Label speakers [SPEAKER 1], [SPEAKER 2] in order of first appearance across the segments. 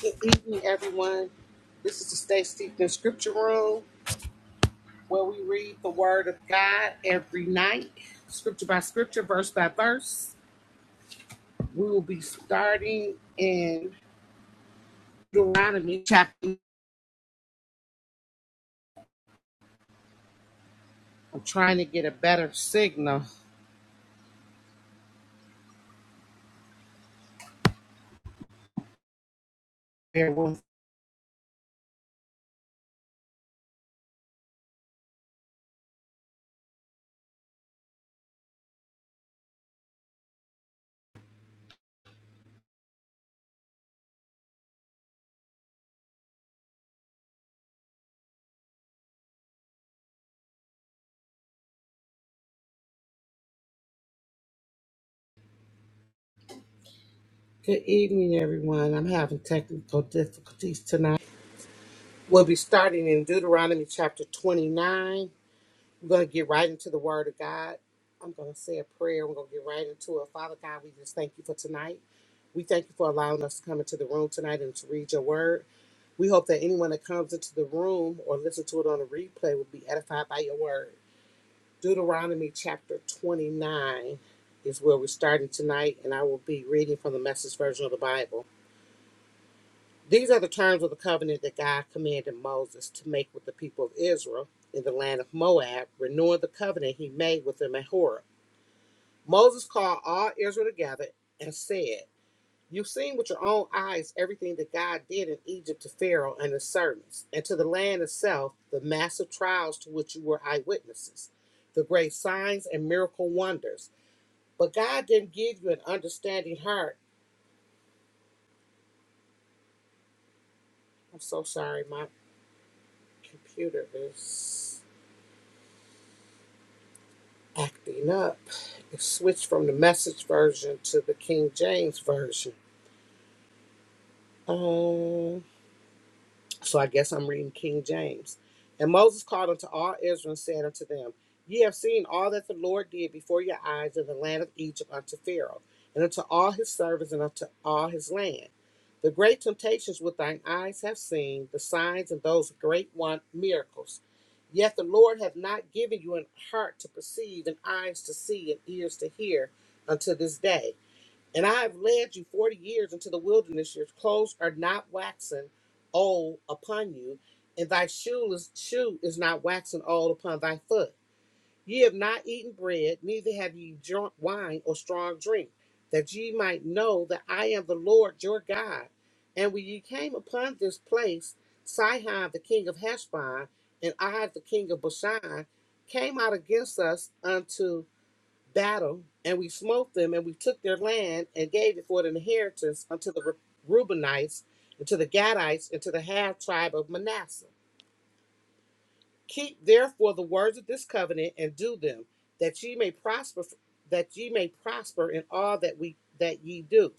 [SPEAKER 1] Good evening, everyone. This is the Stay Steeped in Scripture Room, where we read the Word of God every night, scripture by scripture, verse by verse. We will be starting in Deuteronomy chapter. I'm trying to get a better signal. Bear Good evening, everyone. I'm having technical difficulties tonight. We'll be starting in Deuteronomy chapter 29. I'm going to get right into the Word of God. I'm going to say a prayer. We're going to get right into it. Father God, we just thank you for tonight. We thank you for allowing us to come into the room tonight and to read your Word. We hope that anyone that comes into the room or listen to it on the replay will be edified by your Word. Deuteronomy chapter 29 is where we're starting tonight, and I will be reading from the message version of the Bible. These are the terms of the covenant that God commanded Moses to make with the people of Israel in the land of Moab, renewing the covenant he made with them at Horeb. Moses called all Israel together and said, You've seen with your own eyes everything that God did in Egypt to Pharaoh and his servants, and to the land itself, the massive trials to which you were eyewitnesses, the great signs and miracle wonders. But God didn't give you an understanding heart. I'm so sorry, my computer is acting up. It switched from the message version to the King James version. Um, so I guess I'm reading King James. And Moses called unto all Israel and said unto them, Ye have seen all that the Lord did before your eyes in the land of Egypt unto Pharaoh, and unto all his servants, and unto all his land. The great temptations which thine eyes have seen, the signs and those great one miracles. Yet the Lord hath not given you an heart to perceive, and eyes to see, and ears to hear unto this day and I have led you forty years into the wilderness. Your clothes are not waxen old upon you, and thy shoeless shoe is not waxen old upon thy foot. Ye have not eaten bread, neither have ye drunk wine or strong drink, that ye might know that I am the Lord your God. And when ye came upon this place, Sihon the king of Heshbon and I the king of Bashan came out against us unto battle, and we smote them, and we took their land and gave it for an inheritance unto the Re- Reubenites, and to the Gadites, and to the half tribe of Manasseh. Keep therefore the words of this covenant and do them, that ye may prosper, that ye may prosper in all that we that ye do.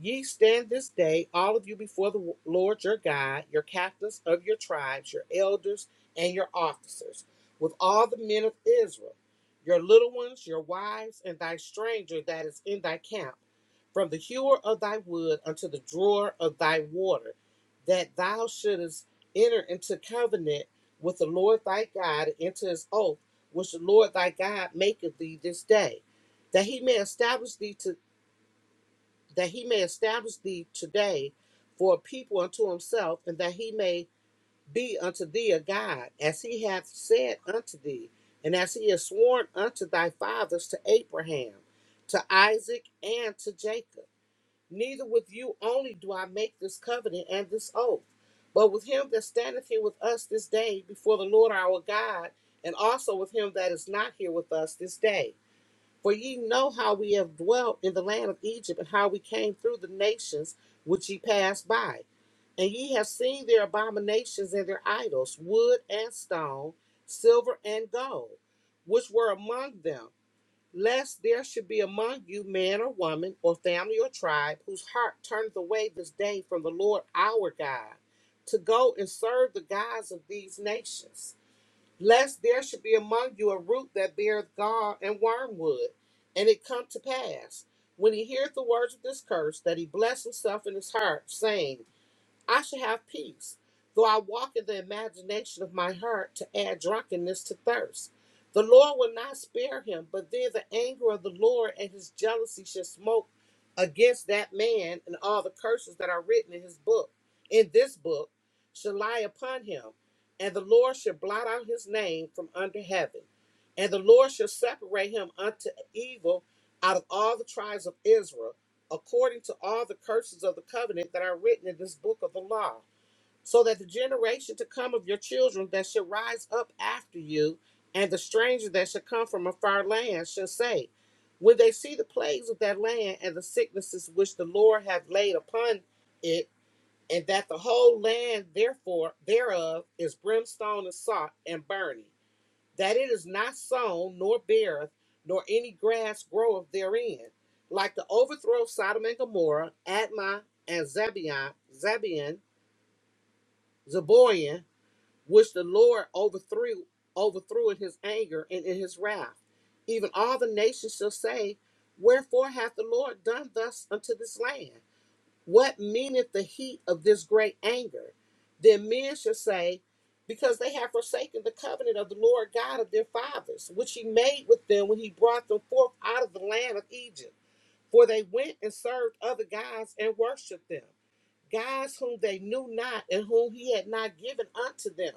[SPEAKER 1] Ye stand this day, all of you, before the Lord your God, your captains of your tribes, your elders, and your officers, with all the men of Israel, your little ones, your wives, and thy stranger that is in thy camp, from the hewer of thy wood unto the drawer of thy water, that thou shouldest enter into covenant with the Lord thy God, into his oath, which the Lord thy God maketh thee this day, that he may establish thee to that he may establish thee today for a people unto himself, and that he may be unto thee a God, as he hath said unto thee, and as he has sworn unto thy fathers to Abraham, to Isaac, and to Jacob. Neither with you only do I make this covenant and this oath, but with him that standeth here with us this day before the Lord our God, and also with him that is not here with us this day for ye know how we have dwelt in the land of Egypt, and how we came through the nations which ye passed by. And ye have seen their abominations and their idols, wood and stone, silver and gold, which were among them, lest there should be among you man or woman, or family or tribe, whose heart turneth away this day from the Lord our God, to go and serve the gods of these nations lest there should be among you a root that beareth gall and wormwood. And it come to pass, when he heareth the words of this curse, that he bless himself in his heart, saying, I shall have peace, though I walk in the imagination of my heart to add drunkenness to thirst. The Lord will not spare him, but then the anger of the Lord and his jealousy shall smoke against that man, and all the curses that are written in his book, in this book, shall lie upon him. And the Lord shall blot out his name from under heaven. And the Lord shall separate him unto evil out of all the tribes of Israel according to all the curses of the covenant that are written in this book of the law, so that the generation to come of your children that shall rise up after you, and the stranger that shall come from a far land shall say, When they see the plagues of that land and the sicknesses which the Lord hath laid upon it, and that the whole land therefore thereof is brimstone and salt and burning that it is not sown, nor beareth, nor any grass groweth therein. Like the overthrow of Sodom and Gomorrah, Admah and Zebion, Zebion, Zeboian, which the Lord overthrew, overthrew in his anger and in his wrath. Even all the nations shall say, Wherefore hath the Lord done thus unto this land? What meaneth the heat of this great anger? Then men shall say, Because they have forsaken the covenant of the Lord God of their fathers, which he made with them when he brought them forth out of the land of Egypt. For they went and served other gods and worshipped them, gods whom they knew not and whom he had not given unto them.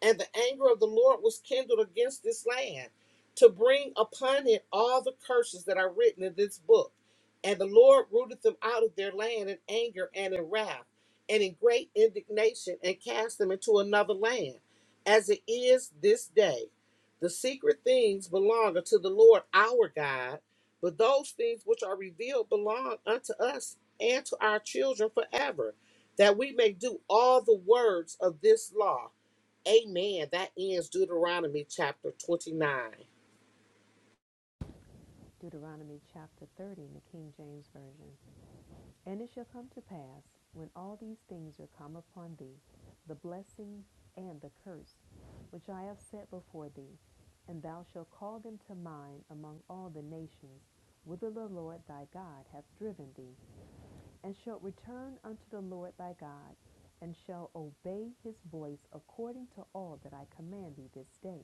[SPEAKER 1] And the anger of the Lord was kindled against this land to bring upon it all the curses that are written in this book. And the Lord rooted them out of their land in anger and in wrath and in great indignation and cast them into another land, as it is this day. The secret things belong unto the Lord our God, but those things which are revealed belong unto us and to our children forever, that we may do all the words of this law. Amen. That ends Deuteronomy chapter 29.
[SPEAKER 2] Deuteronomy chapter 30 in the King James Version. And it shall come to pass, when all these things are come upon thee, the blessing and the curse, which I have set before thee, and thou shalt call them to mind among all the nations, whither the Lord thy God hath driven thee, and shalt return unto the Lord thy God, and shall obey his voice according to all that I command thee this day,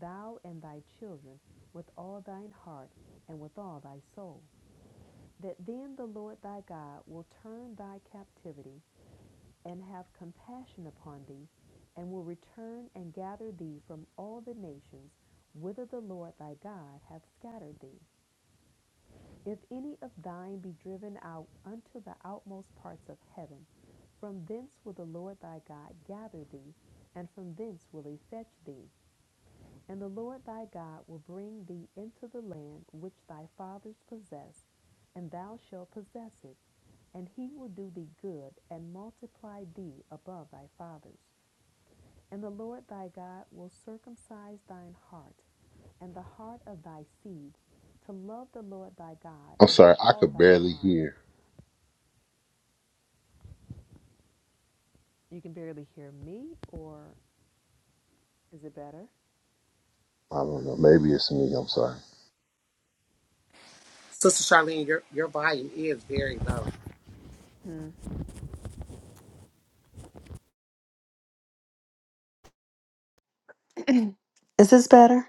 [SPEAKER 2] thou and thy children, with all thine heart and with all thy soul. That then the Lord thy God will turn thy captivity and have compassion upon thee, and will return and gather thee from all the nations whither the Lord thy God hath scattered thee if any of thine be driven out unto the outmost parts of heaven, from thence will the Lord thy God gather thee, and from thence will he fetch thee. And the Lord thy God will bring thee into the land which thy fathers possessed, and thou shalt possess it. And he will do thee good, and multiply thee above thy fathers. And the Lord thy God will circumcise thine heart and the heart of thy seed to love the Lord thy God
[SPEAKER 3] I'm
[SPEAKER 2] with
[SPEAKER 3] sorry, I
[SPEAKER 2] all
[SPEAKER 3] could
[SPEAKER 2] thine
[SPEAKER 3] barely
[SPEAKER 2] heart.
[SPEAKER 3] hear.
[SPEAKER 2] You can barely hear me, or is it better?
[SPEAKER 3] I don't know. Maybe it's me. I'm sorry.
[SPEAKER 1] Sister Charlene, your, your volume is very low.
[SPEAKER 2] Hmm. Is this better?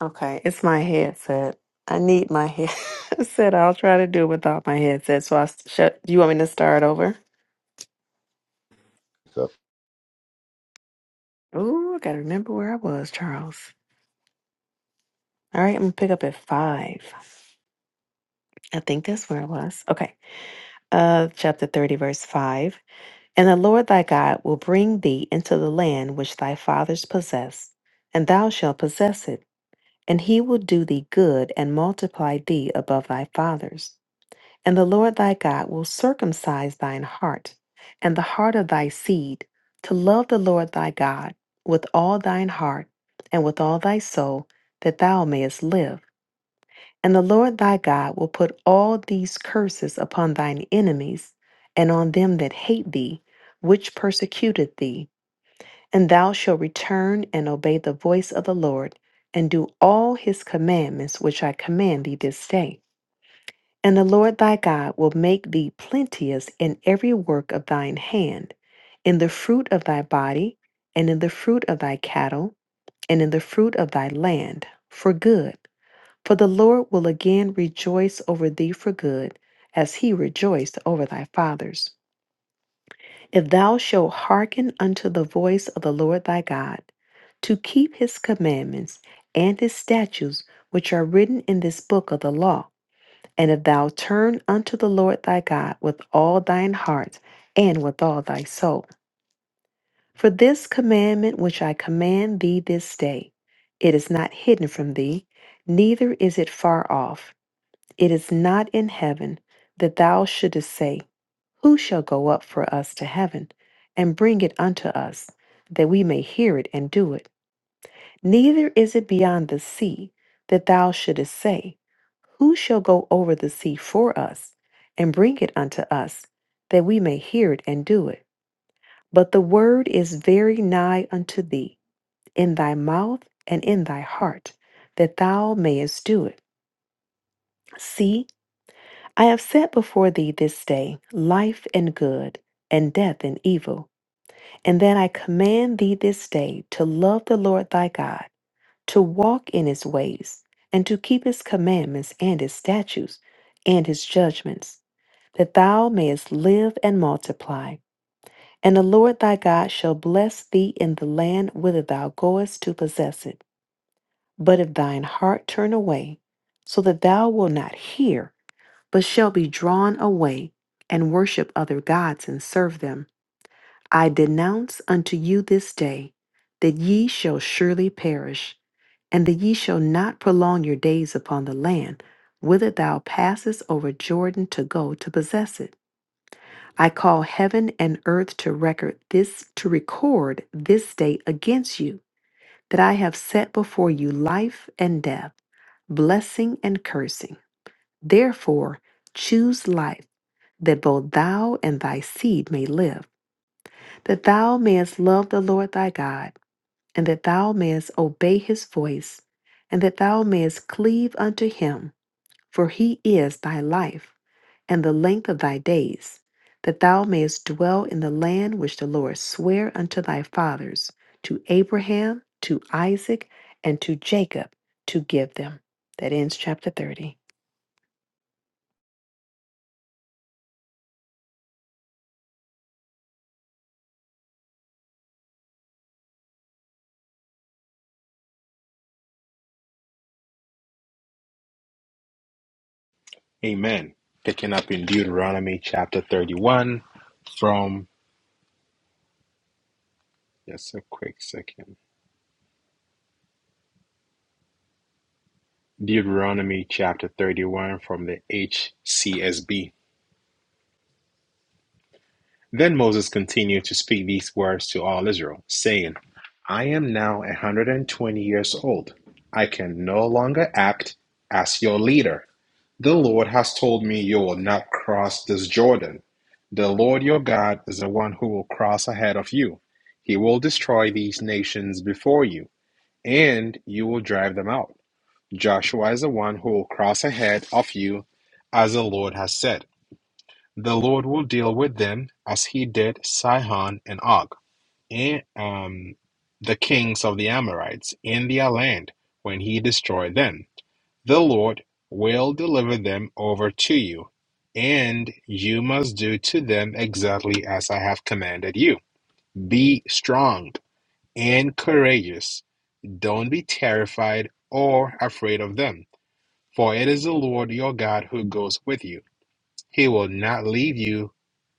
[SPEAKER 2] Okay, it's my headset. I need my headset. I'll try to do it without my headset. So I s- shut. Do you want me to start over?
[SPEAKER 3] So-
[SPEAKER 2] Ooh, I gotta remember where I was, Charles. All right, I'm gonna pick up at five. I think that's where I was. Okay. Uh, chapter thirty, verse five. And the Lord thy God will bring thee into the land which thy fathers possessed, and thou shalt possess it, and he will do thee good and multiply thee above thy fathers. And the Lord thy God will circumcise thine heart and the heart of thy seed to love the Lord thy God with all thine heart and with all thy soul, that thou mayest live. And the Lord thy God will put all these curses upon thine enemies and on them that hate thee, which persecuted thee. And thou shalt return and obey the voice of the Lord, and do all his commandments which I command thee this day. And the Lord thy God will make thee plenteous in every work of thine hand, in the fruit of thy body, and in the fruit of thy cattle, and in the fruit of thy land, for good for the Lord will again rejoice over thee for good, as he rejoiced over thy fathers. If thou shalt hearken unto the voice of the Lord thy God, to keep his commandments and his statutes which are written in this book of the law, and if thou turn unto the Lord thy God with all thine heart and with all thy soul. For this commandment which I command thee this day, it is not hidden from thee, neither is it far off It is not in heaven that thou shouldest say, Who shall go up for us to heaven and bring it unto us, that we may hear it and do it? Neither is it beyond the sea that thou shouldest say, Who shall go over the sea for us and bring it unto us, that we may hear it and do it? But the word is very nigh unto thee, in thy mouth and in thy heart, that thou mayest do it. See, I have set before thee this day life and good, and death and evil, and that I command thee this day to love the Lord thy God, to walk in his ways, and to keep his commandments and his statutes and his judgments, that thou mayest live and multiply. And the Lord thy God shall bless thee in the land whither thou goest to possess it. But if thine heart turn away, so that thou wilt not hear, but shall be drawn away and worship other gods and serve them. I denounce unto you this day that ye shall surely perish, and that ye shall not prolong your days upon the land, whither thou passest over Jordan to go to possess it. I call heaven and earth to record this to record this day against you, that I have set before you life and death, blessing and cursing. Therefore choose life that both thou and thy seed may live, that thou mayest love the Lord thy God, and that thou mayest obey his voice, and that thou mayest cleave unto him, for he is thy life, and the length of thy days, that thou mayest dwell in the land which the Lord sware unto thy fathers, to Abraham, to Isaac, and to Jacob, to give them. That ends chapter 30.
[SPEAKER 4] Amen. Picking up in Deuteronomy chapter 31 from, just a quick second. Deuteronomy chapter 31 from the HCSB. Then Moses continued to speak these words to all Israel, saying, I am now 120 years old. I can no longer act as your leader The Lord has told me you will not cross this Jordan. The Lord your God is the one who will cross ahead of you. He will destroy these nations before you, and you will drive them out. Joshua is the one who will cross ahead of you, as the Lord has said. The Lord will deal with them as he did Sihon and Og, and um, the kings of the Amorites in their land when he destroyed them. The Lord will deliver them over to you, and you must do to them exactly as I have commanded you. Be strong and courageous. Don't be terrified or afraid of them, for it is the Lord your God who goes with you. He will not leave you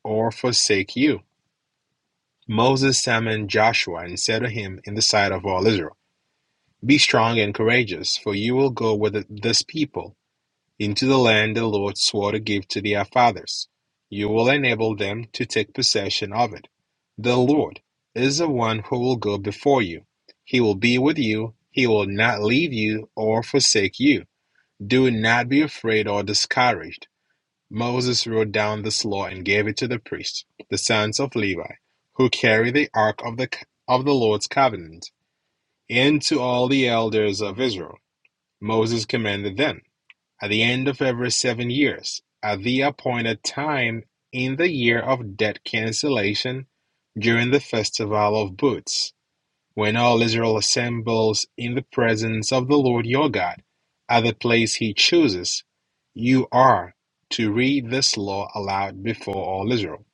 [SPEAKER 4] or forsake you. Moses summoned Joshua and said to him in the sight of all Israel, Be strong and courageous, for you will go with this people into the land the Lord swore to give to their fathers. You will enable them to take possession of it. The Lord is the one who will go before you. He will be with you. He will not leave you or forsake you. Do not be afraid or discouraged. Moses wrote down this law and gave it to the priests, the sons of Levi, who carry the ark of the of the Lord's covenant, and to all the elders of Israel. Moses commanded them. At the end of every seven years, at the appointed time in the year of debt cancellation, during the festival of booths, when all Israel assembles in the presence of the Lord your God, at the place he chooses, you are to read this law aloud before all Israel.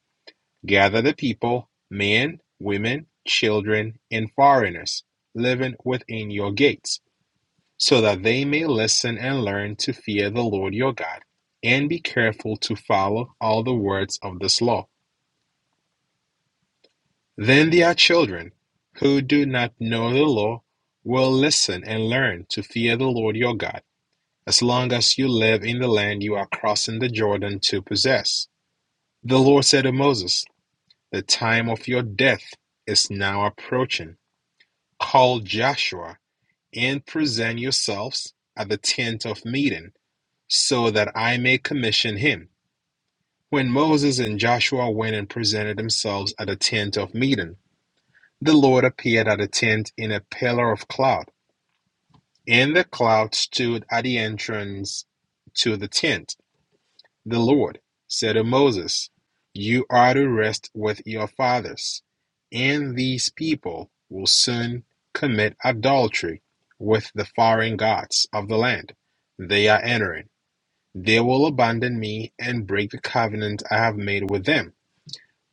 [SPEAKER 4] Gather the people, men, women, children, and foreigners living within your gates so that they may listen and learn to fear the Lord your God, and be careful to follow all the words of this law. Then their children, who do not know the law, will listen and learn to fear the Lord your God, as long as you live in the land you are crossing the Jordan to possess. The Lord said to Moses, The time of your death is now approaching. Call Joshua and present yourselves at the tent of meeting so that I may commission him. When Moses and Joshua went and presented themselves at the tent of meeting, the Lord appeared at the tent in a pillar of cloud, and the cloud stood at the entrance to the tent. The Lord said to Moses, You are to rest with your fathers, and these people will soon commit adultery with the foreign gods of the land they are entering They will abandon me and break the covenant I have made with them.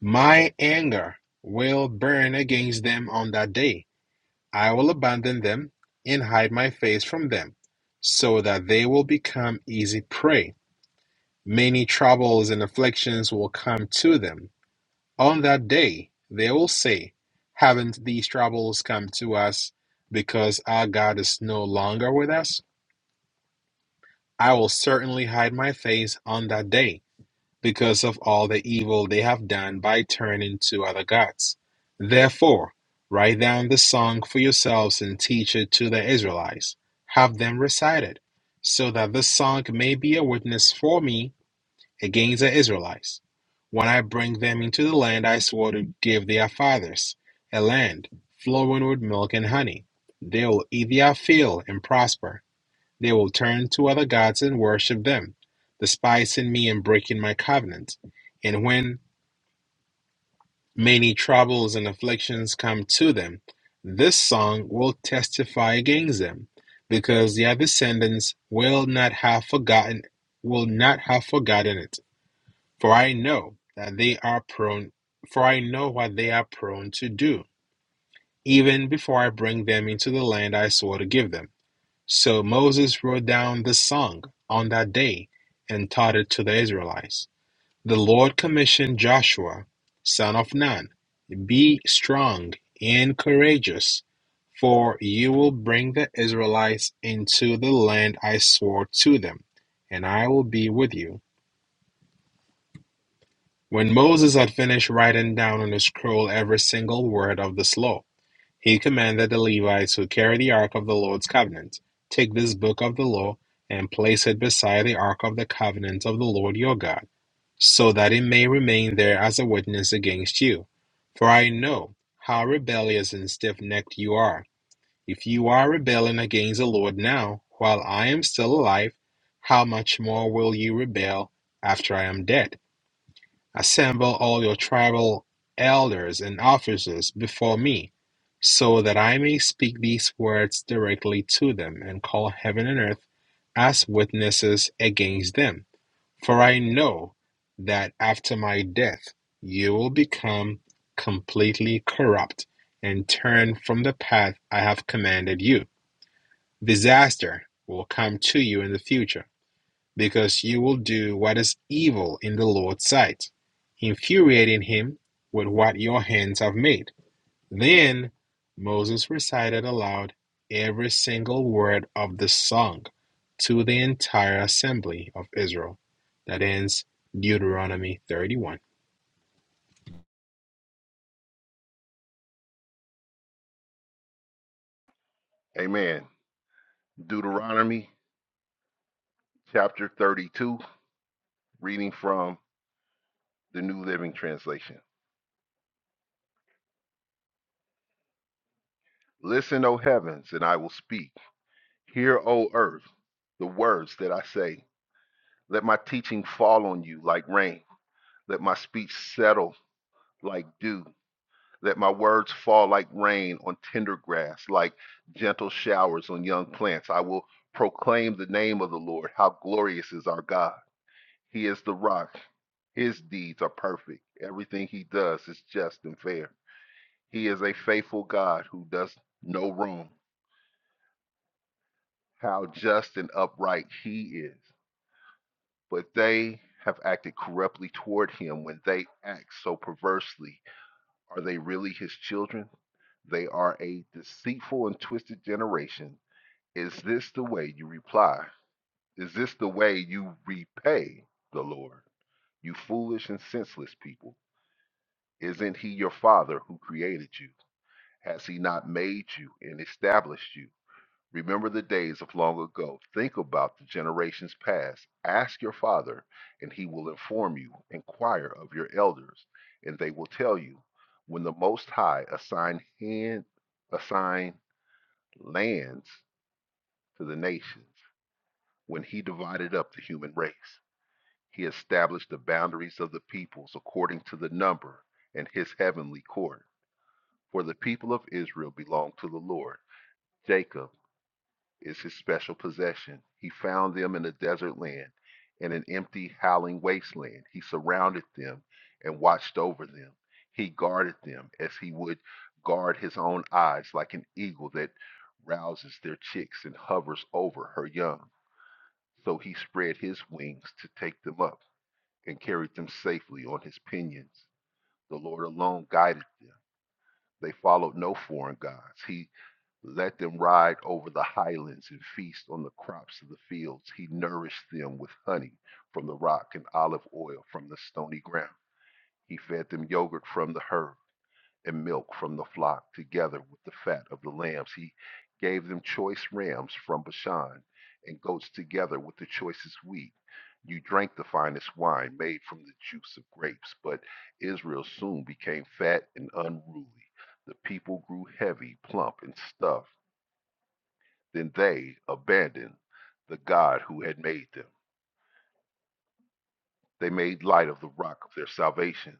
[SPEAKER 4] My anger will burn against them on that day. I will abandon them and hide my face from them, so that they will become easy prey. Many troubles and afflictions will come to them. On that day, they will say, Haven't these troubles come to us because our God is no longer with us? I will certainly hide my face on that day because of all the evil they have done by turning to other gods. Therefore, write down the song for yourselves and teach it to the Israelites. Have them recite it, so that the song may be a witness for me against the Israelites. When I bring them into the land I swore to give their fathers, a land flowing with milk and honey, they will eat their fill and prosper. They will turn to other gods and worship them, despising me and breaking my covenant. And when many troubles and afflictions come to them, this song will testify against them, because their descendants will not have forgotten will not have forgotten it. For I know that they are prone for I know what they are prone to do, even before I bring them into the land I swore to give them. So Moses wrote down the song on that day and taught it to the Israelites. The Lord commissioned Joshua, son of Nun, Be strong and courageous, for you will bring the Israelites into the land I swore to them, and I will be with you. When Moses had finished writing down on a scroll every single word of this law, He commanded the Levites who carried the ark of the Lord's covenant, Take this book of the law, and place it beside the ark of the covenant of the Lord your God, so that it may remain there as a witness against you. For I know how rebellious and stiff necked you are. If you are rebelling against the Lord now, while I am still alive, how much more will you rebel after I am dead? Assemble all your tribal elders and officers before me, so that I may speak these words directly to them, and call heaven and earth as witnesses against them. For I know that after my death you will become completely corrupt and turn from the path I have commanded you. Disaster will come to you in the future because you will do what is evil in the Lord's sight, infuriating him with what your hands have made. Then Moses recited aloud every single word of the song to the entire assembly of Israel. That ends Deuteronomy 31.
[SPEAKER 3] Amen. Deuteronomy chapter 32, reading from the New Living Translation. Listen, O heavens, and I will speak. Hear, O earth, the words that I say. Let my teaching fall on you like rain. Let my speech settle like dew. Let my words fall like rain on tender grass, like gentle showers on young plants. I will proclaim the name of the Lord. How glorious is our God! He is the rock. His deeds are perfect. Everything he does is just and fair. He is a faithful God who does no wrong. How just and upright he is. But they have acted corruptly toward him when they act so perversely. Are they really his children? They are a deceitful and twisted generation. Is this the way you reply? Is this the way you repay the Lord? You foolish and senseless people. Isn't he your father who created you? Has he not made you and established you? Remember the days of long ago. Think about the generations past. Ask your father, and he will inform you. Inquire of your elders, and they will tell you. When the Most High assigned hand, assigned lands to the nations, when he divided up the human race, he established the boundaries of the peoples according to the number in his heavenly court. For the people of Israel belong to the Lord. Jacob is his special possession. He found them in a desert land, in an empty, howling wasteland. He surrounded them and watched over them. He guarded them as he would guard his own eyes, like an eagle that rouses their chicks and hovers over her young. So he spread his wings to take them up and carried them safely on his pinions. The Lord alone guided them. They followed no foreign gods. He Let them ride over the highlands and feast on the crops of the fields. He nourished them with honey from the rock and olive oil from the stony ground. He fed them yogurt from the herd and milk from the flock, together with the fat of the lambs. He gave them choice rams from Bashan and goats, together with the choicest wheat. You drank the finest wine made from the juice of grapes, but Israel soon became fat and unruly. The people grew heavy, plump, and stuffed then they abandoned the God who had made them. They made light of the rock of their salvation.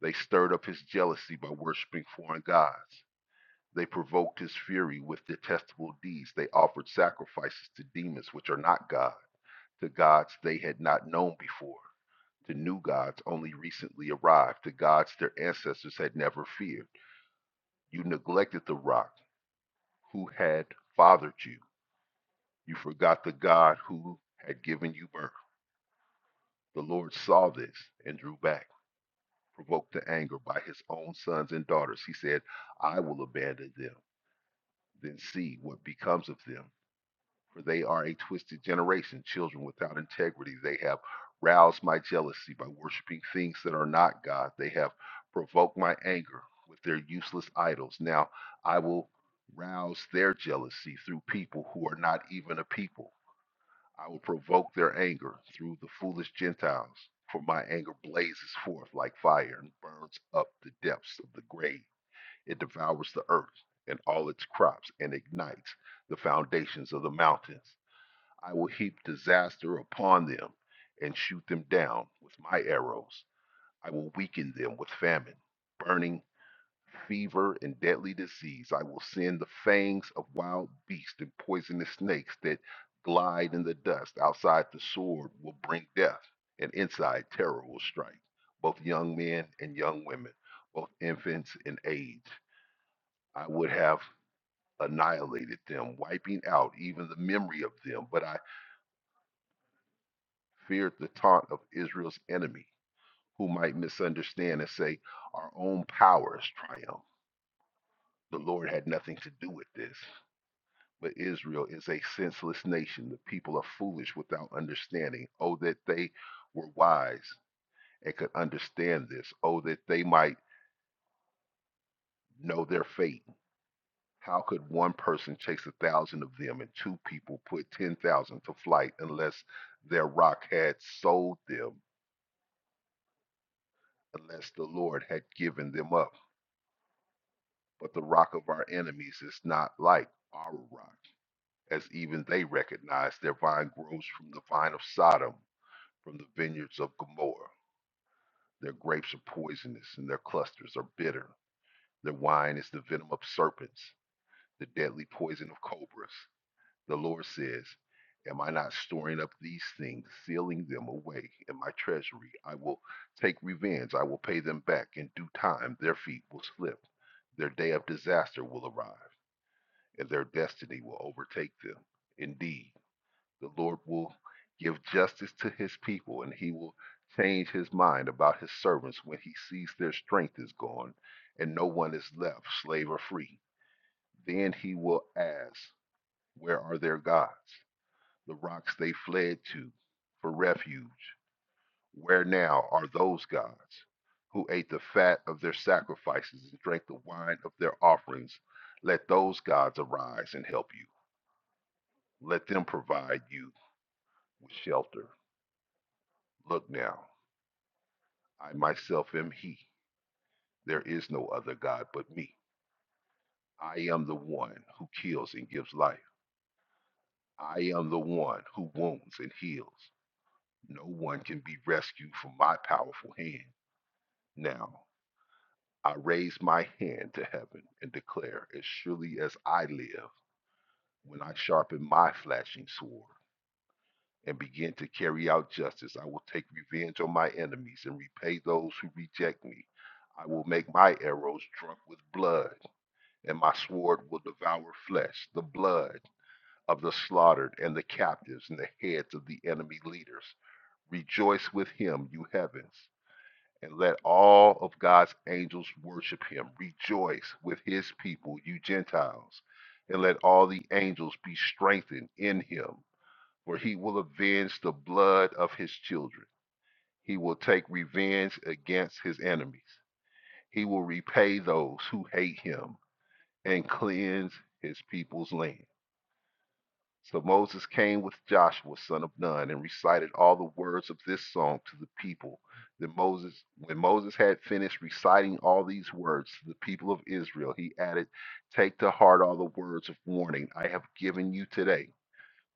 [SPEAKER 3] They stirred up his jealousy by worshiping foreign gods. They provoked his fury with detestable deeds. They offered sacrifices to demons which are not God, to gods they had not known before, to new gods only recently arrived, to gods their ancestors had never feared. You neglected the rock who had fathered you. You forgot the God who had given you birth. The Lord saw this and drew back, provoked to anger by his own sons and daughters. He said, I will abandon them, then see what becomes of them. For they are a twisted generation, children without integrity. They have roused my jealousy by worshiping things that are not God. They have provoked my anger with their useless idols. Now I will rouse their jealousy through people who are not even a people. I will provoke their anger through the foolish Gentiles, for my anger blazes forth like fire and burns up the depths of the grave. It devours the earth and all its crops and ignites the foundations of the mountains. I will heap disaster upon them and shoot them down with my arrows. I will weaken them with famine, burning fever, and deadly disease. I will send the fangs of wild beasts and poisonous snakes that glide in the dust. Outside the sword will bring death, and inside terror will strike, both young men and young women, both infants and aged. I would have annihilated them, wiping out even the memory of them, but I feared the taunt of Israel's enemy, who might misunderstand and say, Our own powers triumph. The Lord had nothing to do with this. But Israel is a senseless nation. The people are foolish without understanding. Oh, that they were wise and could understand this. Oh, that they might know their fate. How could one person chase a thousand of them and two people put 10,000 to flight unless their rock had sold them, unless the Lord had given them up? But the rock of our enemies is not like our rock, as even they recognize their vine grows from the vine of Sodom, from the vineyards of Gomorrah. Their grapes are poisonous, and their clusters are bitter. Their wine is the venom of serpents, the deadly poison of cobras. The Lord says, Am I not storing up these things, sealing them away in my treasury? I will take revenge. I will pay them back in due time. Their feet will slip. Their day of disaster will arrive, and their destiny will overtake them. Indeed, the Lord will give justice to his people, and he will change his mind about his servants when he sees their strength is gone and no one is left, slave or free. Then he will ask, Where are their gods? The rocks they fled to for refuge. Where now are those gods who ate the fat of their sacrifices and drank the wine of their offerings? Let those gods arise and help you. Let them provide you with shelter. Look now. I myself am he. There is no other God but me. I am the one who kills and gives life. I am the one who wounds and heals. No one can be rescued from my powerful hand. Now, I raise my hand to heaven and declare, as surely as I live, when I sharpen my flashing sword and begin to carry out justice, I will take revenge on my enemies and repay those who reject me. I will make my arrows drunk with blood and my sword will devour flesh, the blood of the slaughtered and the captives and the heads of the enemy leaders. Rejoice with him, you heavens, and let all of God's angels worship him. Rejoice with his people, you Gentiles, and let all the angels be strengthened in him, for he will avenge the blood of his children. He will take revenge against his enemies. He will repay those who hate him and cleanse his people's land. So Moses came with Joshua son of Nun and recited all the words of this song to the people. Then Moses, when Moses had finished reciting all these words to the people of Israel, he added, "Take to heart all the words of warning I have given you today.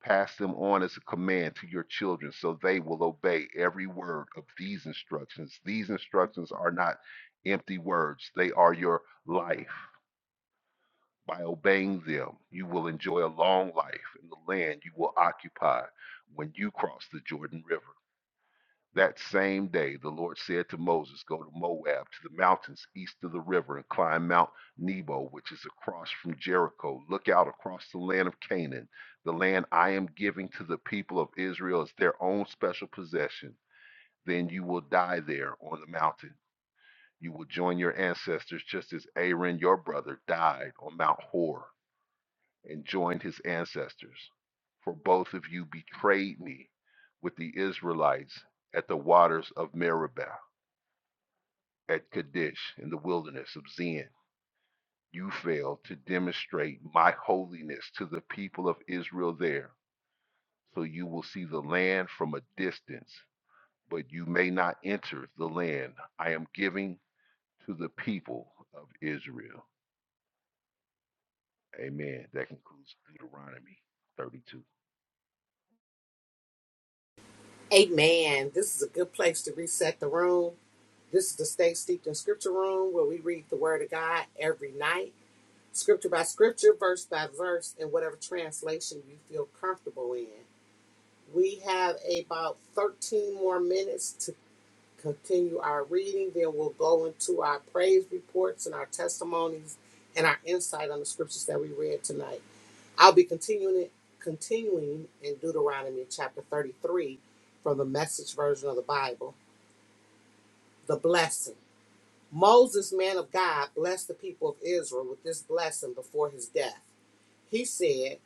[SPEAKER 3] Pass them on as a command to your children, so they will obey every word of these instructions. These instructions are not empty words; they are your life. By obeying them, you will enjoy a long life in the land you will occupy when you cross the Jordan River. That same day, the Lord said to Moses, Go to Moab, to the mountains east of the river, and climb Mount Nebo, which is across from Jericho. Look out across the land of Canaan, the land I am giving to the people of Israel as their own special possession. Then you will die there on the mountain. You will join your ancestors just as Aaron, your brother, died on Mount Hor and joined his ancestors. For both of you betrayed me with the Israelites at the waters of Meribah, at Kadesh, in the wilderness of Zin. You failed to demonstrate my holiness to the people of Israel there, so you will see the land from a distance, but you may not enter the land I am giving to the people of Israel. Amen. That concludes Deuteronomy 32.
[SPEAKER 1] Amen. This is a good place to reset the room. This is the Stay Steeped in Scripture room where we read the Word of God every night, scripture by scripture, verse by verse, in whatever translation you feel comfortable in. We have about 13 more minutes to continue our reading. Then we'll go into our praise reports and our testimonies and our insight on the scriptures that we read tonight. I'll be continuing it, continuing in Deuteronomy chapter 33 from the message version of the Bible. The blessing. Moses, man of God, blessed the people of Israel with this blessing before his death. He said,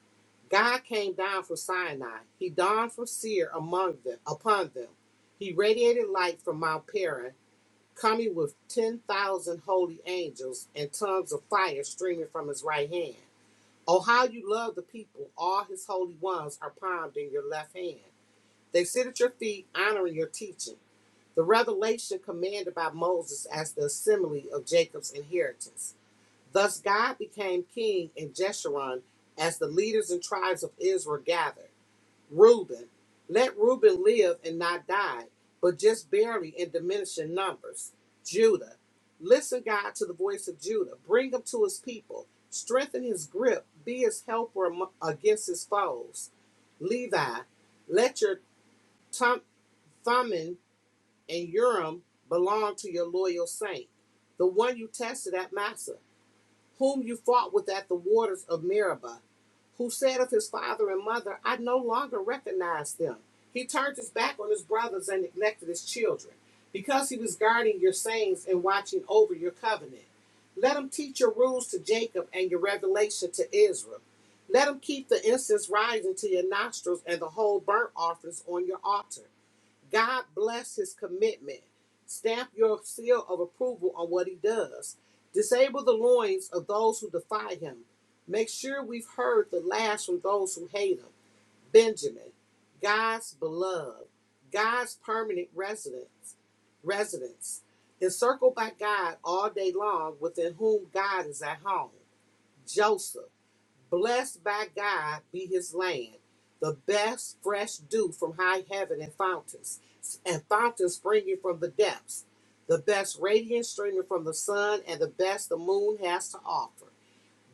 [SPEAKER 1] God came down from Sinai. He dawned from Seir among them, upon them. He radiated light from Mount Paran, coming with 10,000 holy angels and tongues of fire streaming from his right hand. Oh, how you love the people. All his holy ones are palmed in your left hand. They sit at your feet, honoring your teaching. The revelation commanded by Moses as the assembly of Jacob's inheritance. Thus God became king in Jeshurun as the leaders and tribes of Israel gathered. Reuben. Let Reuben live and not die, but just barely in diminishing numbers. Judah. Listen, God, to the voice of Judah. Bring him to his people. Strengthen his grip. Be his helper against his foes. Levi. Let your tum- Thummim and Urim belong to your loyal saint, the one you tested at Massa whom you fought with at the waters of Meribah, who said of his father and mother, I no longer recognize them. He turned his back on his brothers and neglected his children, because he was guarding your sayings and watching over your covenant. Let him teach your rules to Jacob and your revelation to Israel. Let him keep the incense rising to your nostrils and the whole burnt offerings on your altar. God bless his commitment. Stamp your seal of approval on what he does. Disable the loins of those who defy him. Make sure we've heard the last from those who hate him. Benjamin, God's beloved, God's permanent residence, residence, encircled by God all day long, within whom God is at home. Joseph. Blessed by God be his land, the best fresh dew from high heaven and fountains, and fountains springing from the depths, the best radiance streaming from the sun, and the best the moon has to offer.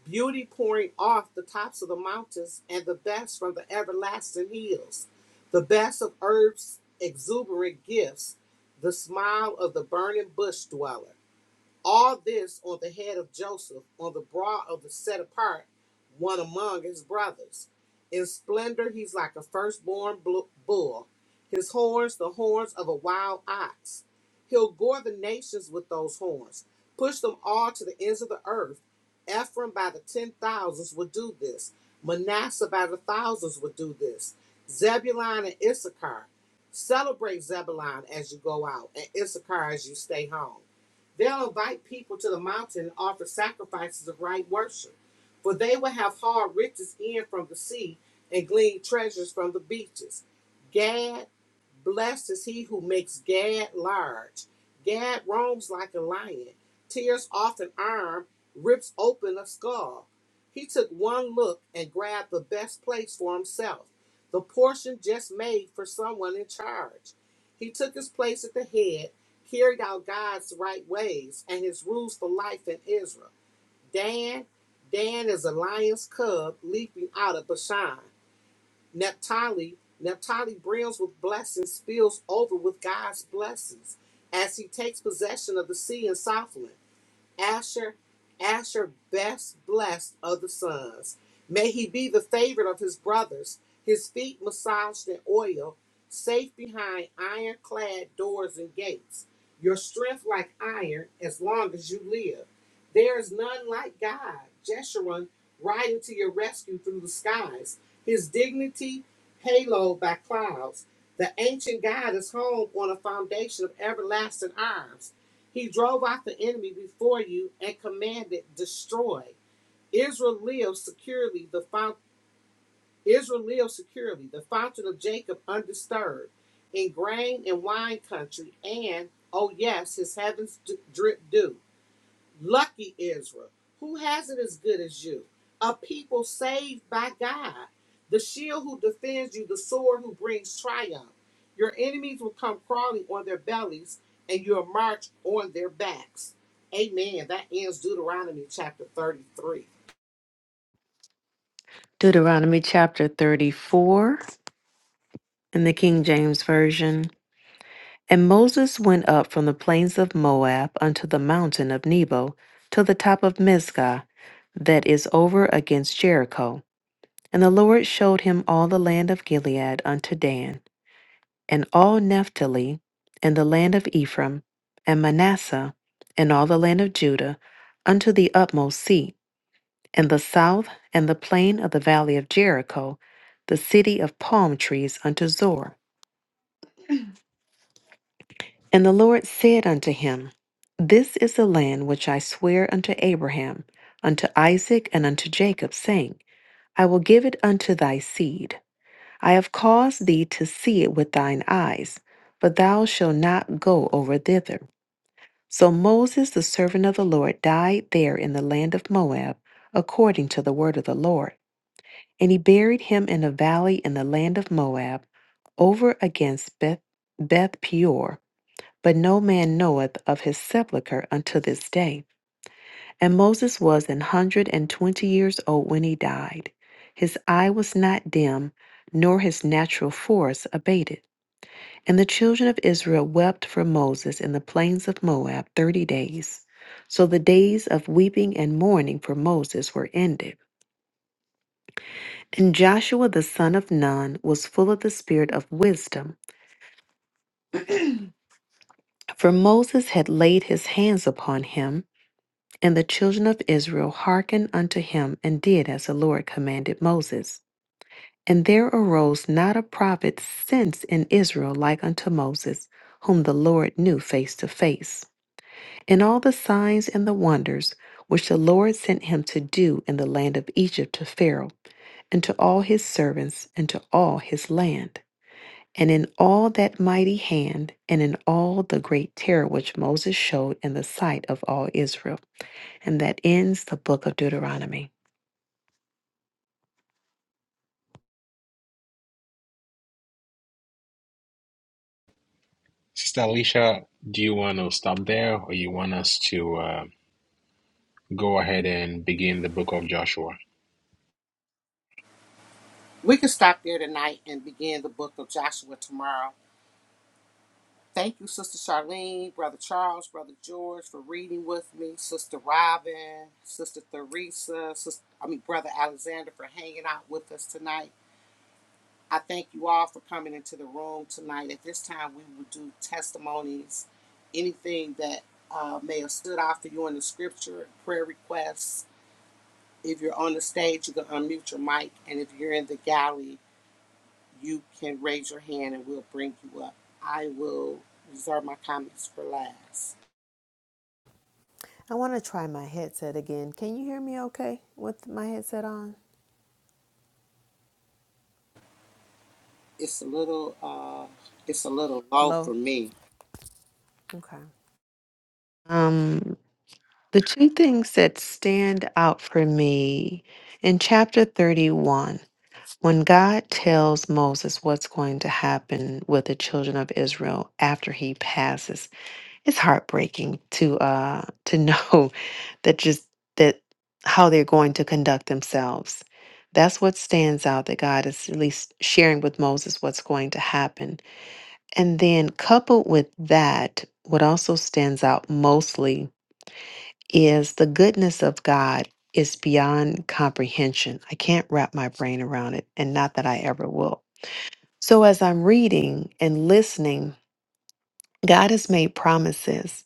[SPEAKER 1] Beauty pouring off the tops of the mountains, and the best from the everlasting hills, the best of earth's exuberant gifts, the smile of the burning bush dweller all this on the head of Joseph, on the brow of the set apart, one among his brothers. In splendor, he's like a firstborn blu- bull, his horns, the horns of a wild ox. He'll gore the nations with those horns, push them all to the ends of the earth. Ephraim by the ten thousands will do this, Manasseh by the thousands will do this, Zebulun and Issachar. Celebrate Zebulun as you go out, and Issachar as you stay home. They'll invite people to the mountain and offer sacrifices of right worship. For they will have hard riches in from the sea and glean treasures from the beaches. Gad Blessed is he who makes Gad large. Gad roams like a lion, tears off an arm, rips open a skull. He took one look and grabbed the best place for himself, the portion just made for someone in charge. He took his place at the head, carried out God's right ways and his rules for life in Israel. Dan, Dan is a lion's cub leaping out of Bashan. Naphtali, Naphtali brims with blessings, spills over with God's blessings as he takes possession of the sea in Southland. Asher, Asher best blessed of the sons. May he be the favorite of his brothers, his feet massaged in oil, safe behind iron-clad doors and gates. Your strength like iron, as long as you live. There is none like God, Jeshurun, riding to your rescue through the skies, his dignity haloed by clouds. The ancient God is home on a foundation of everlasting arms. He drove out the enemy before you and commanded, destroy. Israel lives securely, the fountain. Israel lives securely, the fountain of Jacob undisturbed, in grain and wine country, and, oh yes, his heavens drip dew. Lucky Israel, who has it as good as you? A people saved by God, the shield who defends you, the sword who brings triumph. Your enemies will come crawling on their bellies, and you'll march on their backs. Amen. That ends Deuteronomy chapter 33.
[SPEAKER 2] Deuteronomy chapter 34 in the King James Version. And Moses went up from the plains of Moab unto the mountain of Nebo to the top of Mizgah, that is over against Jericho. And the Lord showed him all the land of Gilead unto Dan, and all Naphtali, and the land of Ephraim, and Manasseh, and all the land of Judah, unto the utmost sea, and the south, and the plain of the valley of Jericho, the city of palm trees unto Zor. And the Lord said unto him, This is the land which I swear unto Abraham, unto Isaac, and unto Jacob, saying, I will give it unto thy seed. I have caused thee to see it with thine eyes, but thou shalt not go over thither. So Moses, the servant of the Lord, died there in the land of Moab, according to the word of the Lord. And he buried him in a valley in the land of Moab, over against Beth, Beth Peor but no man knoweth of his sepulchre unto this day. And Moses was an hundred and twenty years old when he died. His eye was not dim, nor his natural force abated. And the children of Israel wept for Moses in the plains of Moab thirty days. So the days of weeping and mourning for Moses were ended. And Joshua the son of Nun was full of the spirit of wisdom, for Moses had laid his hands upon him And the children of Israel hearkened unto him and did as the Lord commanded Moses. And there arose not a prophet since in Israel like unto Moses, whom the Lord knew face to face. And all the signs and the wonders which the Lord sent him to do in the land of Egypt to Pharaoh, and to all his servants, and to all his land. And in all that mighty hand, and in all the great terror which Moses showed in the sight of all Israel. And that ends the book of Deuteronomy.
[SPEAKER 4] Sister Alicia, do you want to stop there or you want us to uh, go ahead and begin the book of Joshua?
[SPEAKER 1] We can stop there tonight and begin the book of Joshua tomorrow. Thank you, Sister Charlene, Brother Charles, Brother George, for reading with me, Sister Robin, Sister Theresa, Sister, I mean, Brother Alexander, for hanging out with us tonight. I thank you all for coming into the room tonight. At this time, we will do testimonies, anything that uh, may have stood out for you in the scripture, prayer requests. If you're on the stage, you can unmute your mic, and if you're in the gallery, you can raise your hand and we'll bring you up. I will reserve my comments for last.
[SPEAKER 2] I want to try my headset again. Can you hear me okay with my headset on?
[SPEAKER 1] it's a little uh it's a little low
[SPEAKER 2] Low?
[SPEAKER 1] for me.
[SPEAKER 2] Okay. Um, the two things that stand out for me in chapter 31, when God tells Moses what's going to happen with the children of Israel after he passes, it's heartbreaking to uh to know that just that how they're going to conduct themselves. That's what stands out that God is at least sharing with Moses what's going to happen. And then coupled with that, what also stands out mostly is the goodness of God is beyond comprehension. I can't wrap my brain around it, and not that I ever will. So as I'm reading and listening, God has made promises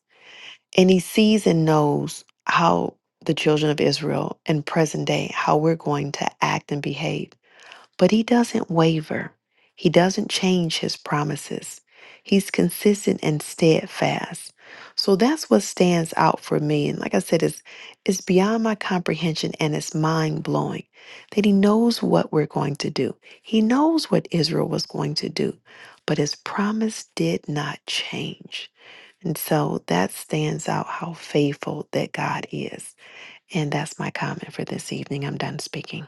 [SPEAKER 2] And he sees and knows how the children of Israel in present day, how we're going to act and behave. But he doesn't waver. He doesn't change his promises. He's consistent and steadfast. So that's what stands out for me. And like I said, it's, it's beyond my comprehension and it's mind blowing that he knows what we're going to do. He knows what Israel was going to do, but his promise did not change. And so that stands out how faithful that God is. And that's my comment for this evening. I'm done speaking.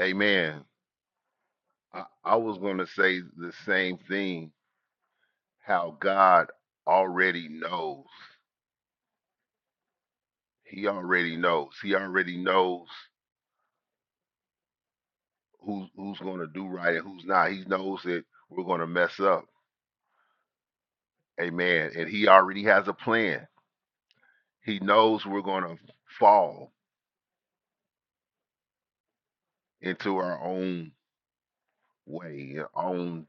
[SPEAKER 3] Amen. I, I was going to say the same thing how God already knows. He already knows. He already knows who, who's going to do right and who's not. He knows that we're going to mess up. Amen. And He already has a plan. He knows we're going to fall into our own way, our own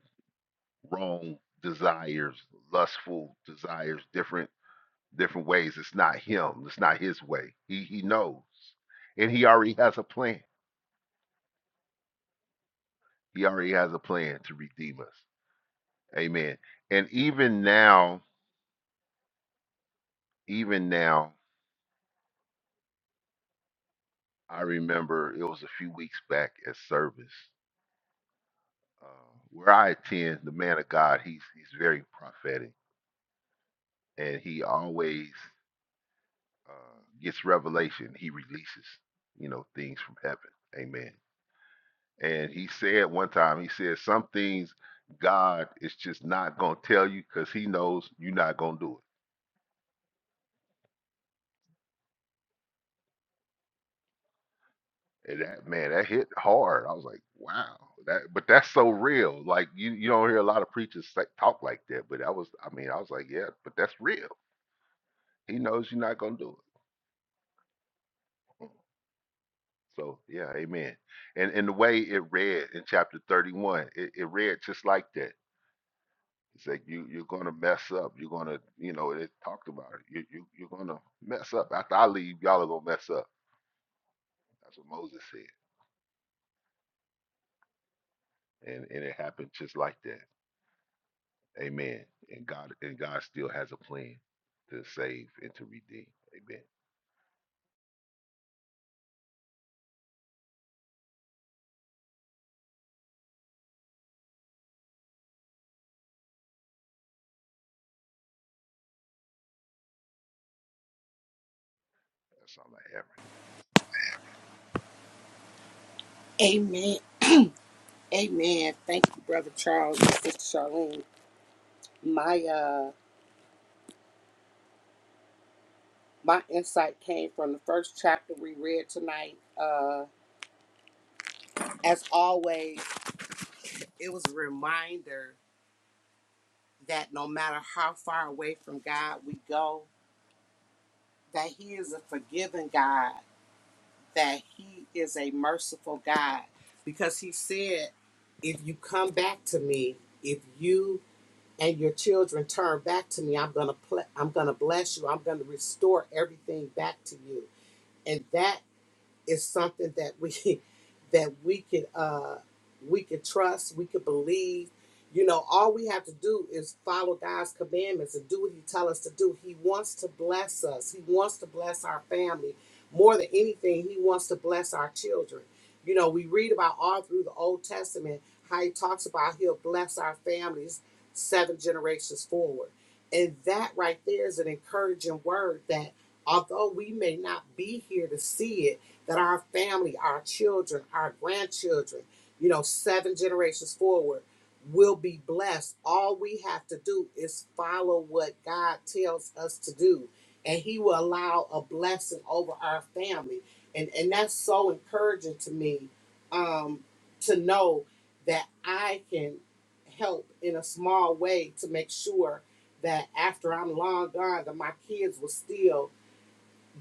[SPEAKER 3] wrong desires, lustful desires, different different ways. It's not him. It's not his way. He he knows. And he already has a plan. He already has a plan to redeem us. Amen. And even now, even now, I remember it was a few weeks back at service uh, where I attend. The man of God, he's he's very prophetic, and he always uh, gets revelation. He releases, you know, things from heaven. Amen. And he said one time, he said some things God is just not gonna tell you because He knows you're not gonna do it. And that, man, that hit hard. I was like, wow, that but that's so real. Like you you don't hear a lot of preachers say, talk like that, but that was I mean, I was like, yeah, but that's real. He knows you're not gonna do it. Mm. So yeah, amen. And and the way it read in chapter 31, it, it read just like that. It's like you you're gonna mess up. You're gonna you know it talked about it. You, you you're gonna mess up. After I leave, y'all are gonna mess up. That's what Moses said, and and it happened just like that. Amen. And God and God still has a plan to save and to redeem. Amen. That's all I have. Right
[SPEAKER 1] Amen. Amen. Thank you, Brother Charles and Sister Charlene. My uh my insight came from the first chapter we read tonight. Uh as always, it was a reminder that no matter how far away from God we go, that He is a forgiving God, that He is a merciful God. Because He said, if you come back to me, if you and your children turn back to me i'm going to ple- i'm going to bless you i'm going to restore everything back to you and that is something that we that we could uh we could trust, we could believe. You know, all we have to do is follow God's commandments and do what He tells us to do. He wants to bless us. He wants to bless our family. More than anything, He wants to bless our children. You know, we read about all through the Old Testament how He talks about He'll bless our families seven generations forward. And that right there is an encouraging word that although we may not be here to see it, that our family, our children, our grandchildren, you know, seven generations forward will be blessed. All we have to do is follow what God tells us to do, and He will allow a blessing over our family. And, and that's so encouraging to me um, to know that I can help in a small way to make sure that after I'm long gone, that my kids will still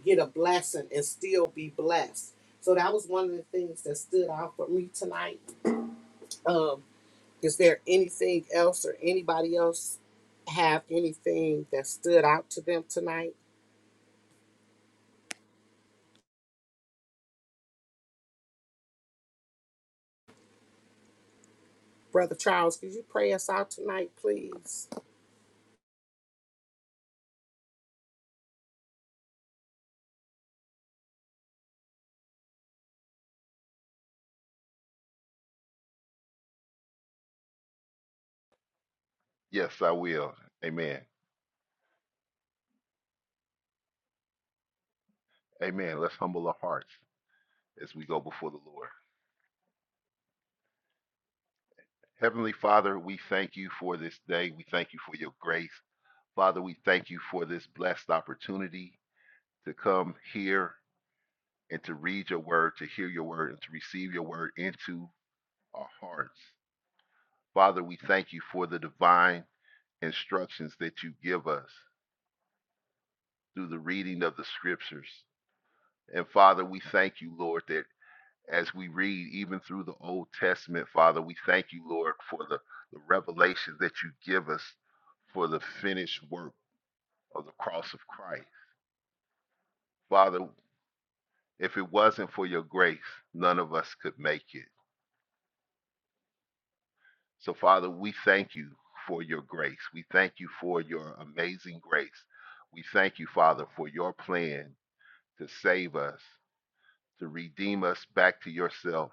[SPEAKER 1] get a blessing and still be blessed. So that was one of the things that stood out for me tonight. Um, is there anything else or anybody else have anything that stood out to them tonight? Brother Charles, could you pray us out tonight, please?
[SPEAKER 3] yes, I will. Amen. Amen. Let's humble our hearts as we go before the Lord. Heavenly Father, we thank you for this day. We thank you for your grace. Father, we thank you for this blessed opportunity to come here and to read your word, to hear your word, and to receive your word into our hearts. Father, we thank you for the divine instructions that you give us. through the reading of the scriptures. And Father, we thank you, Lord, that as we read, even through the Old Testament, Father, we thank you, Lord, for the, the revelation that you give us for the finished work of the cross of Christ. Father, if it wasn't for your grace, none of us could make it. So, Father, we thank you for your grace. We thank you for your amazing grace. We thank you, Father, for your plan to save us, to redeem us back to yourself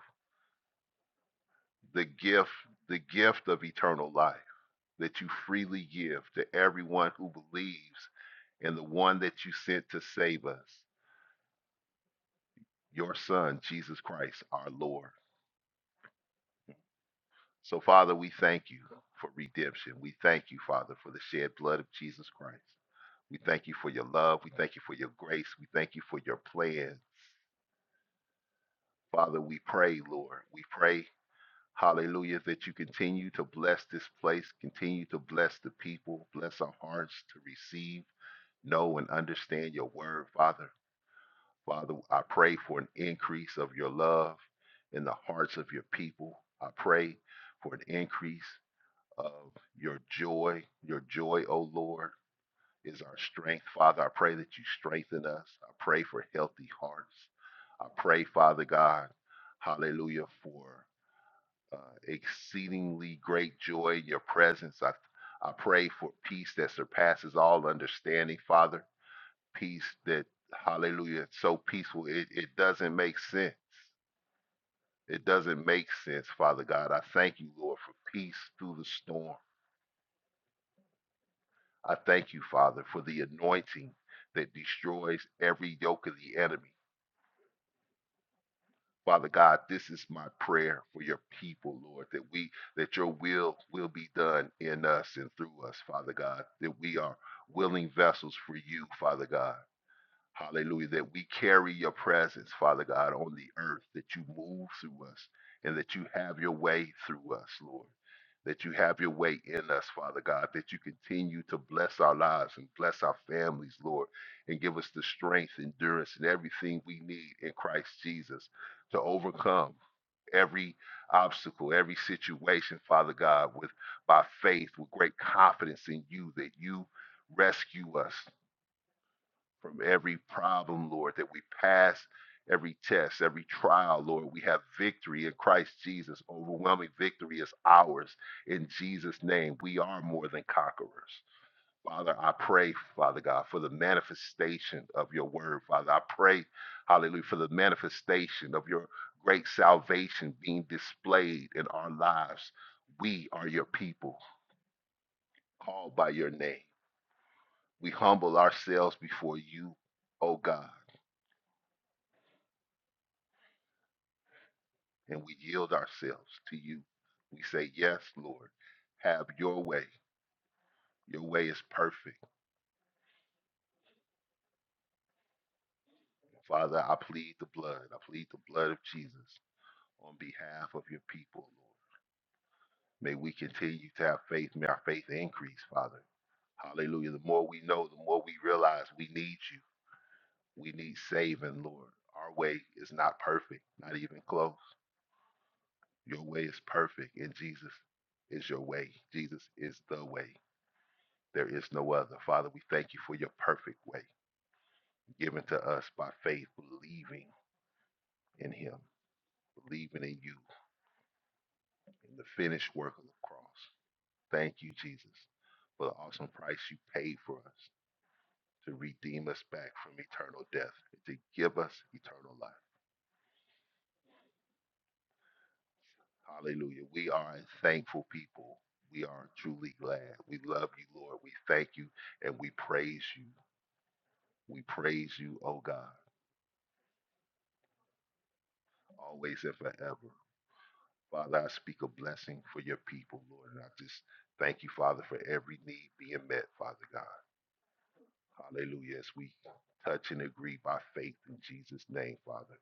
[SPEAKER 3] the gift, the gift of eternal life that you freely give to everyone who believes in the one that you sent to save us, your son, Jesus Christ, our Lord. So, Father, we thank you for redemption. We thank you, Father, for the shed blood of Jesus Christ. We thank you for your love. We thank you for your grace. We thank you for your plan. Father, we pray, Lord. We pray, hallelujah, that you continue to bless this place, continue to bless the people, bless our hearts to receive know and understand your word, Father. Father, I pray for an increase of your love in the hearts of your people. I pray for an increase of your joy. Your joy, O Lord, is our strength. Father, I pray that you strengthen us. I pray for healthy hearts. I pray, Father God, hallelujah, for uh, exceedingly great joy in your presence. I, I pray for peace that surpasses all understanding, Father peace that hallelujah it's so peaceful it, it doesn't make sense it doesn't make sense father god i thank you lord for peace through the storm i thank you father for the anointing that destroys every yoke of the enemy father god this is my prayer for your people lord that we that your will will be done in us and through us father god that we are willing vessels for you father god Hallelujah. That we carry your presence, Father God, on the earth, that you move through us and that you have your way through us, Lord. That you have your way in us, Father God, that you continue to bless our lives and bless our families, Lord, and give us the strength, endurance, and everything we need in Christ Jesus to overcome every obstacle, every situation, Father God, with by faith, with great confidence in you, that you rescue us, from every problem, Lord, that we pass every test, every trial, Lord. We have victory in Christ Jesus. Overwhelming victory is ours in Jesus' name. We are more than conquerors. Father, I pray, Father God, for the manifestation of your word. Father, I pray, hallelujah, for the manifestation of your great salvation being displayed in our lives. We are your people, called by your name. We humble ourselves before you, O God. and we yield ourselves to you. We say, Yes, Lord, have your way. Your way is perfect. Father, I plead the blood. I plead the blood of Jesus on behalf of your people, Lord. May we continue to have faith. May our faith increase, Father. Hallelujah. The more we know, the more we realize we need you. We need saving, Lord. Our way is not perfect, not even close. Your way is perfect, and Jesus is your way. Jesus is the way. There is no other. Father, we thank you for your perfect way given to us by faith, believing in him, believing in you, in the finished work of the cross. Thank you, Jesus, for the awesome price you paid for us to redeem us back from eternal death, and to give us eternal life. Hallelujah. We are a thankful people. We are truly glad. We love you, Lord. We thank you and we praise you. We praise you, oh God, always and forever. Father, I speak a blessing for your people, Lord. And I just thank you, Father, for every need being met, Father God. Hallelujah. As we touch and agree by faith in Jesus' name, Father,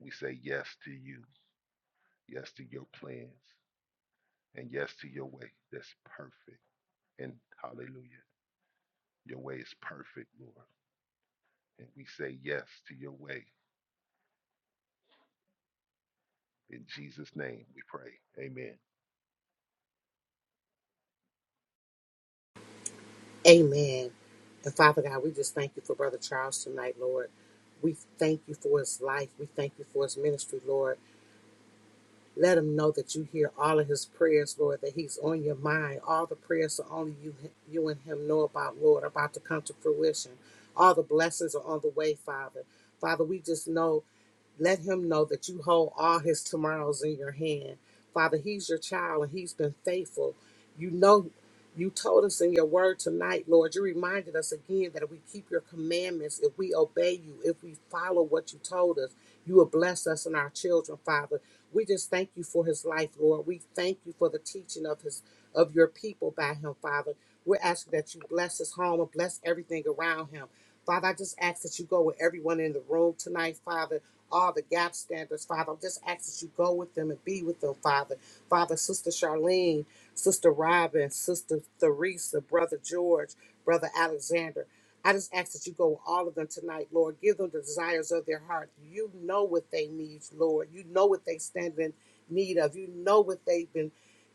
[SPEAKER 3] we say yes to you, yes to your plans, and yes to your way that's perfect. And hallelujah, your way is perfect, Lord. And we say yes to your way. In Jesus' name we pray. Amen.
[SPEAKER 1] Amen. And Father God, we just thank you for Brother Charles tonight, Lord. We thank you for his life. We thank you for his ministry, Lord. Let him know that you hear all of his prayers, Lord, that he's on your mind. All the prayers that only you, you and him know about, Lord, are about to come to fruition. All the blessings are on the way, Father. Father, we just know let him know that you hold all his tomorrows in your hand. Father, he's your child and he's been faithful. You know, you told us in your word tonight, Lord. You reminded us again that if we keep your commandments, if we obey you, if we follow what you told us, you will bless us and our children, Father. We just thank you for his life, Lord. We thank you for the teaching of his of your people by him, Father. We're asking that you bless his home and bless everything around him. Father, I just ask that you go with everyone in the room tonight, Father all the gap standards, Father. I'm just asking that you go with them and be with them, Father. Father, Sister Charlene, Sister Robin, Sister Theresa, Brother George, Brother Alexander. I just ask that you go with all of them tonight, Lord. Give them the desires of their heart. You know what they need, Lord. You know what they stand in need of. You know what they've been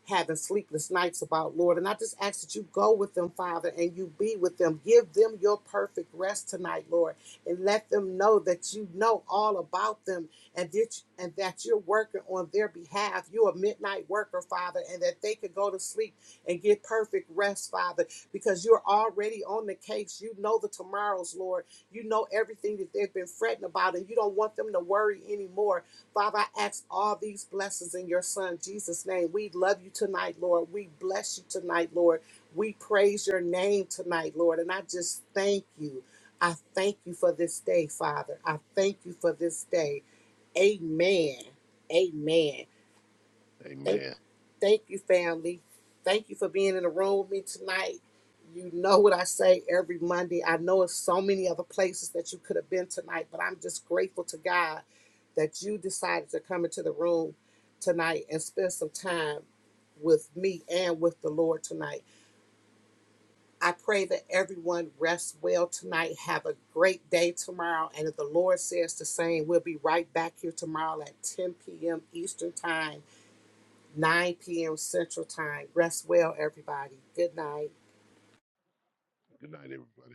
[SPEAKER 1] having sleepless nights about, Lord. And I just ask that you go with them, Father, and you be with them. Give them your perfect rest tonight, Lord and let them know that you know all about them and that, and that you're working on their behalf. You're a midnight worker, Father, and that they could go to sleep and get perfect rest, Father, because you're already on the case. You know the tomorrows, Lord. You know everything that they've been fretting about, and you don't want them to worry anymore. Father, I ask all these blessings in your Son, Jesus' name. We love you tonight, Lord. We bless you tonight, Lord. We praise your name tonight, Lord. And I just thank you. I thank you for this day, Father. I thank you for this day. Amen. Amen. Thank,
[SPEAKER 3] Amen.
[SPEAKER 1] thank you, family. Thank you for being in the room with me tonight. You know what I say every Monday. I know it's so many other places that you could have been tonight, but I'm just grateful to God that you decided to come into the room tonight and spend some time with me and with the Lord tonight. I pray that everyone rests well tonight. Have a great day tomorrow. And if the Lord says the same, we'll be right back here tomorrow at 10 p.m. Eastern Time, 9 p.m. Central Time. Rest well, everybody. Good night.
[SPEAKER 3] Good night, everybody.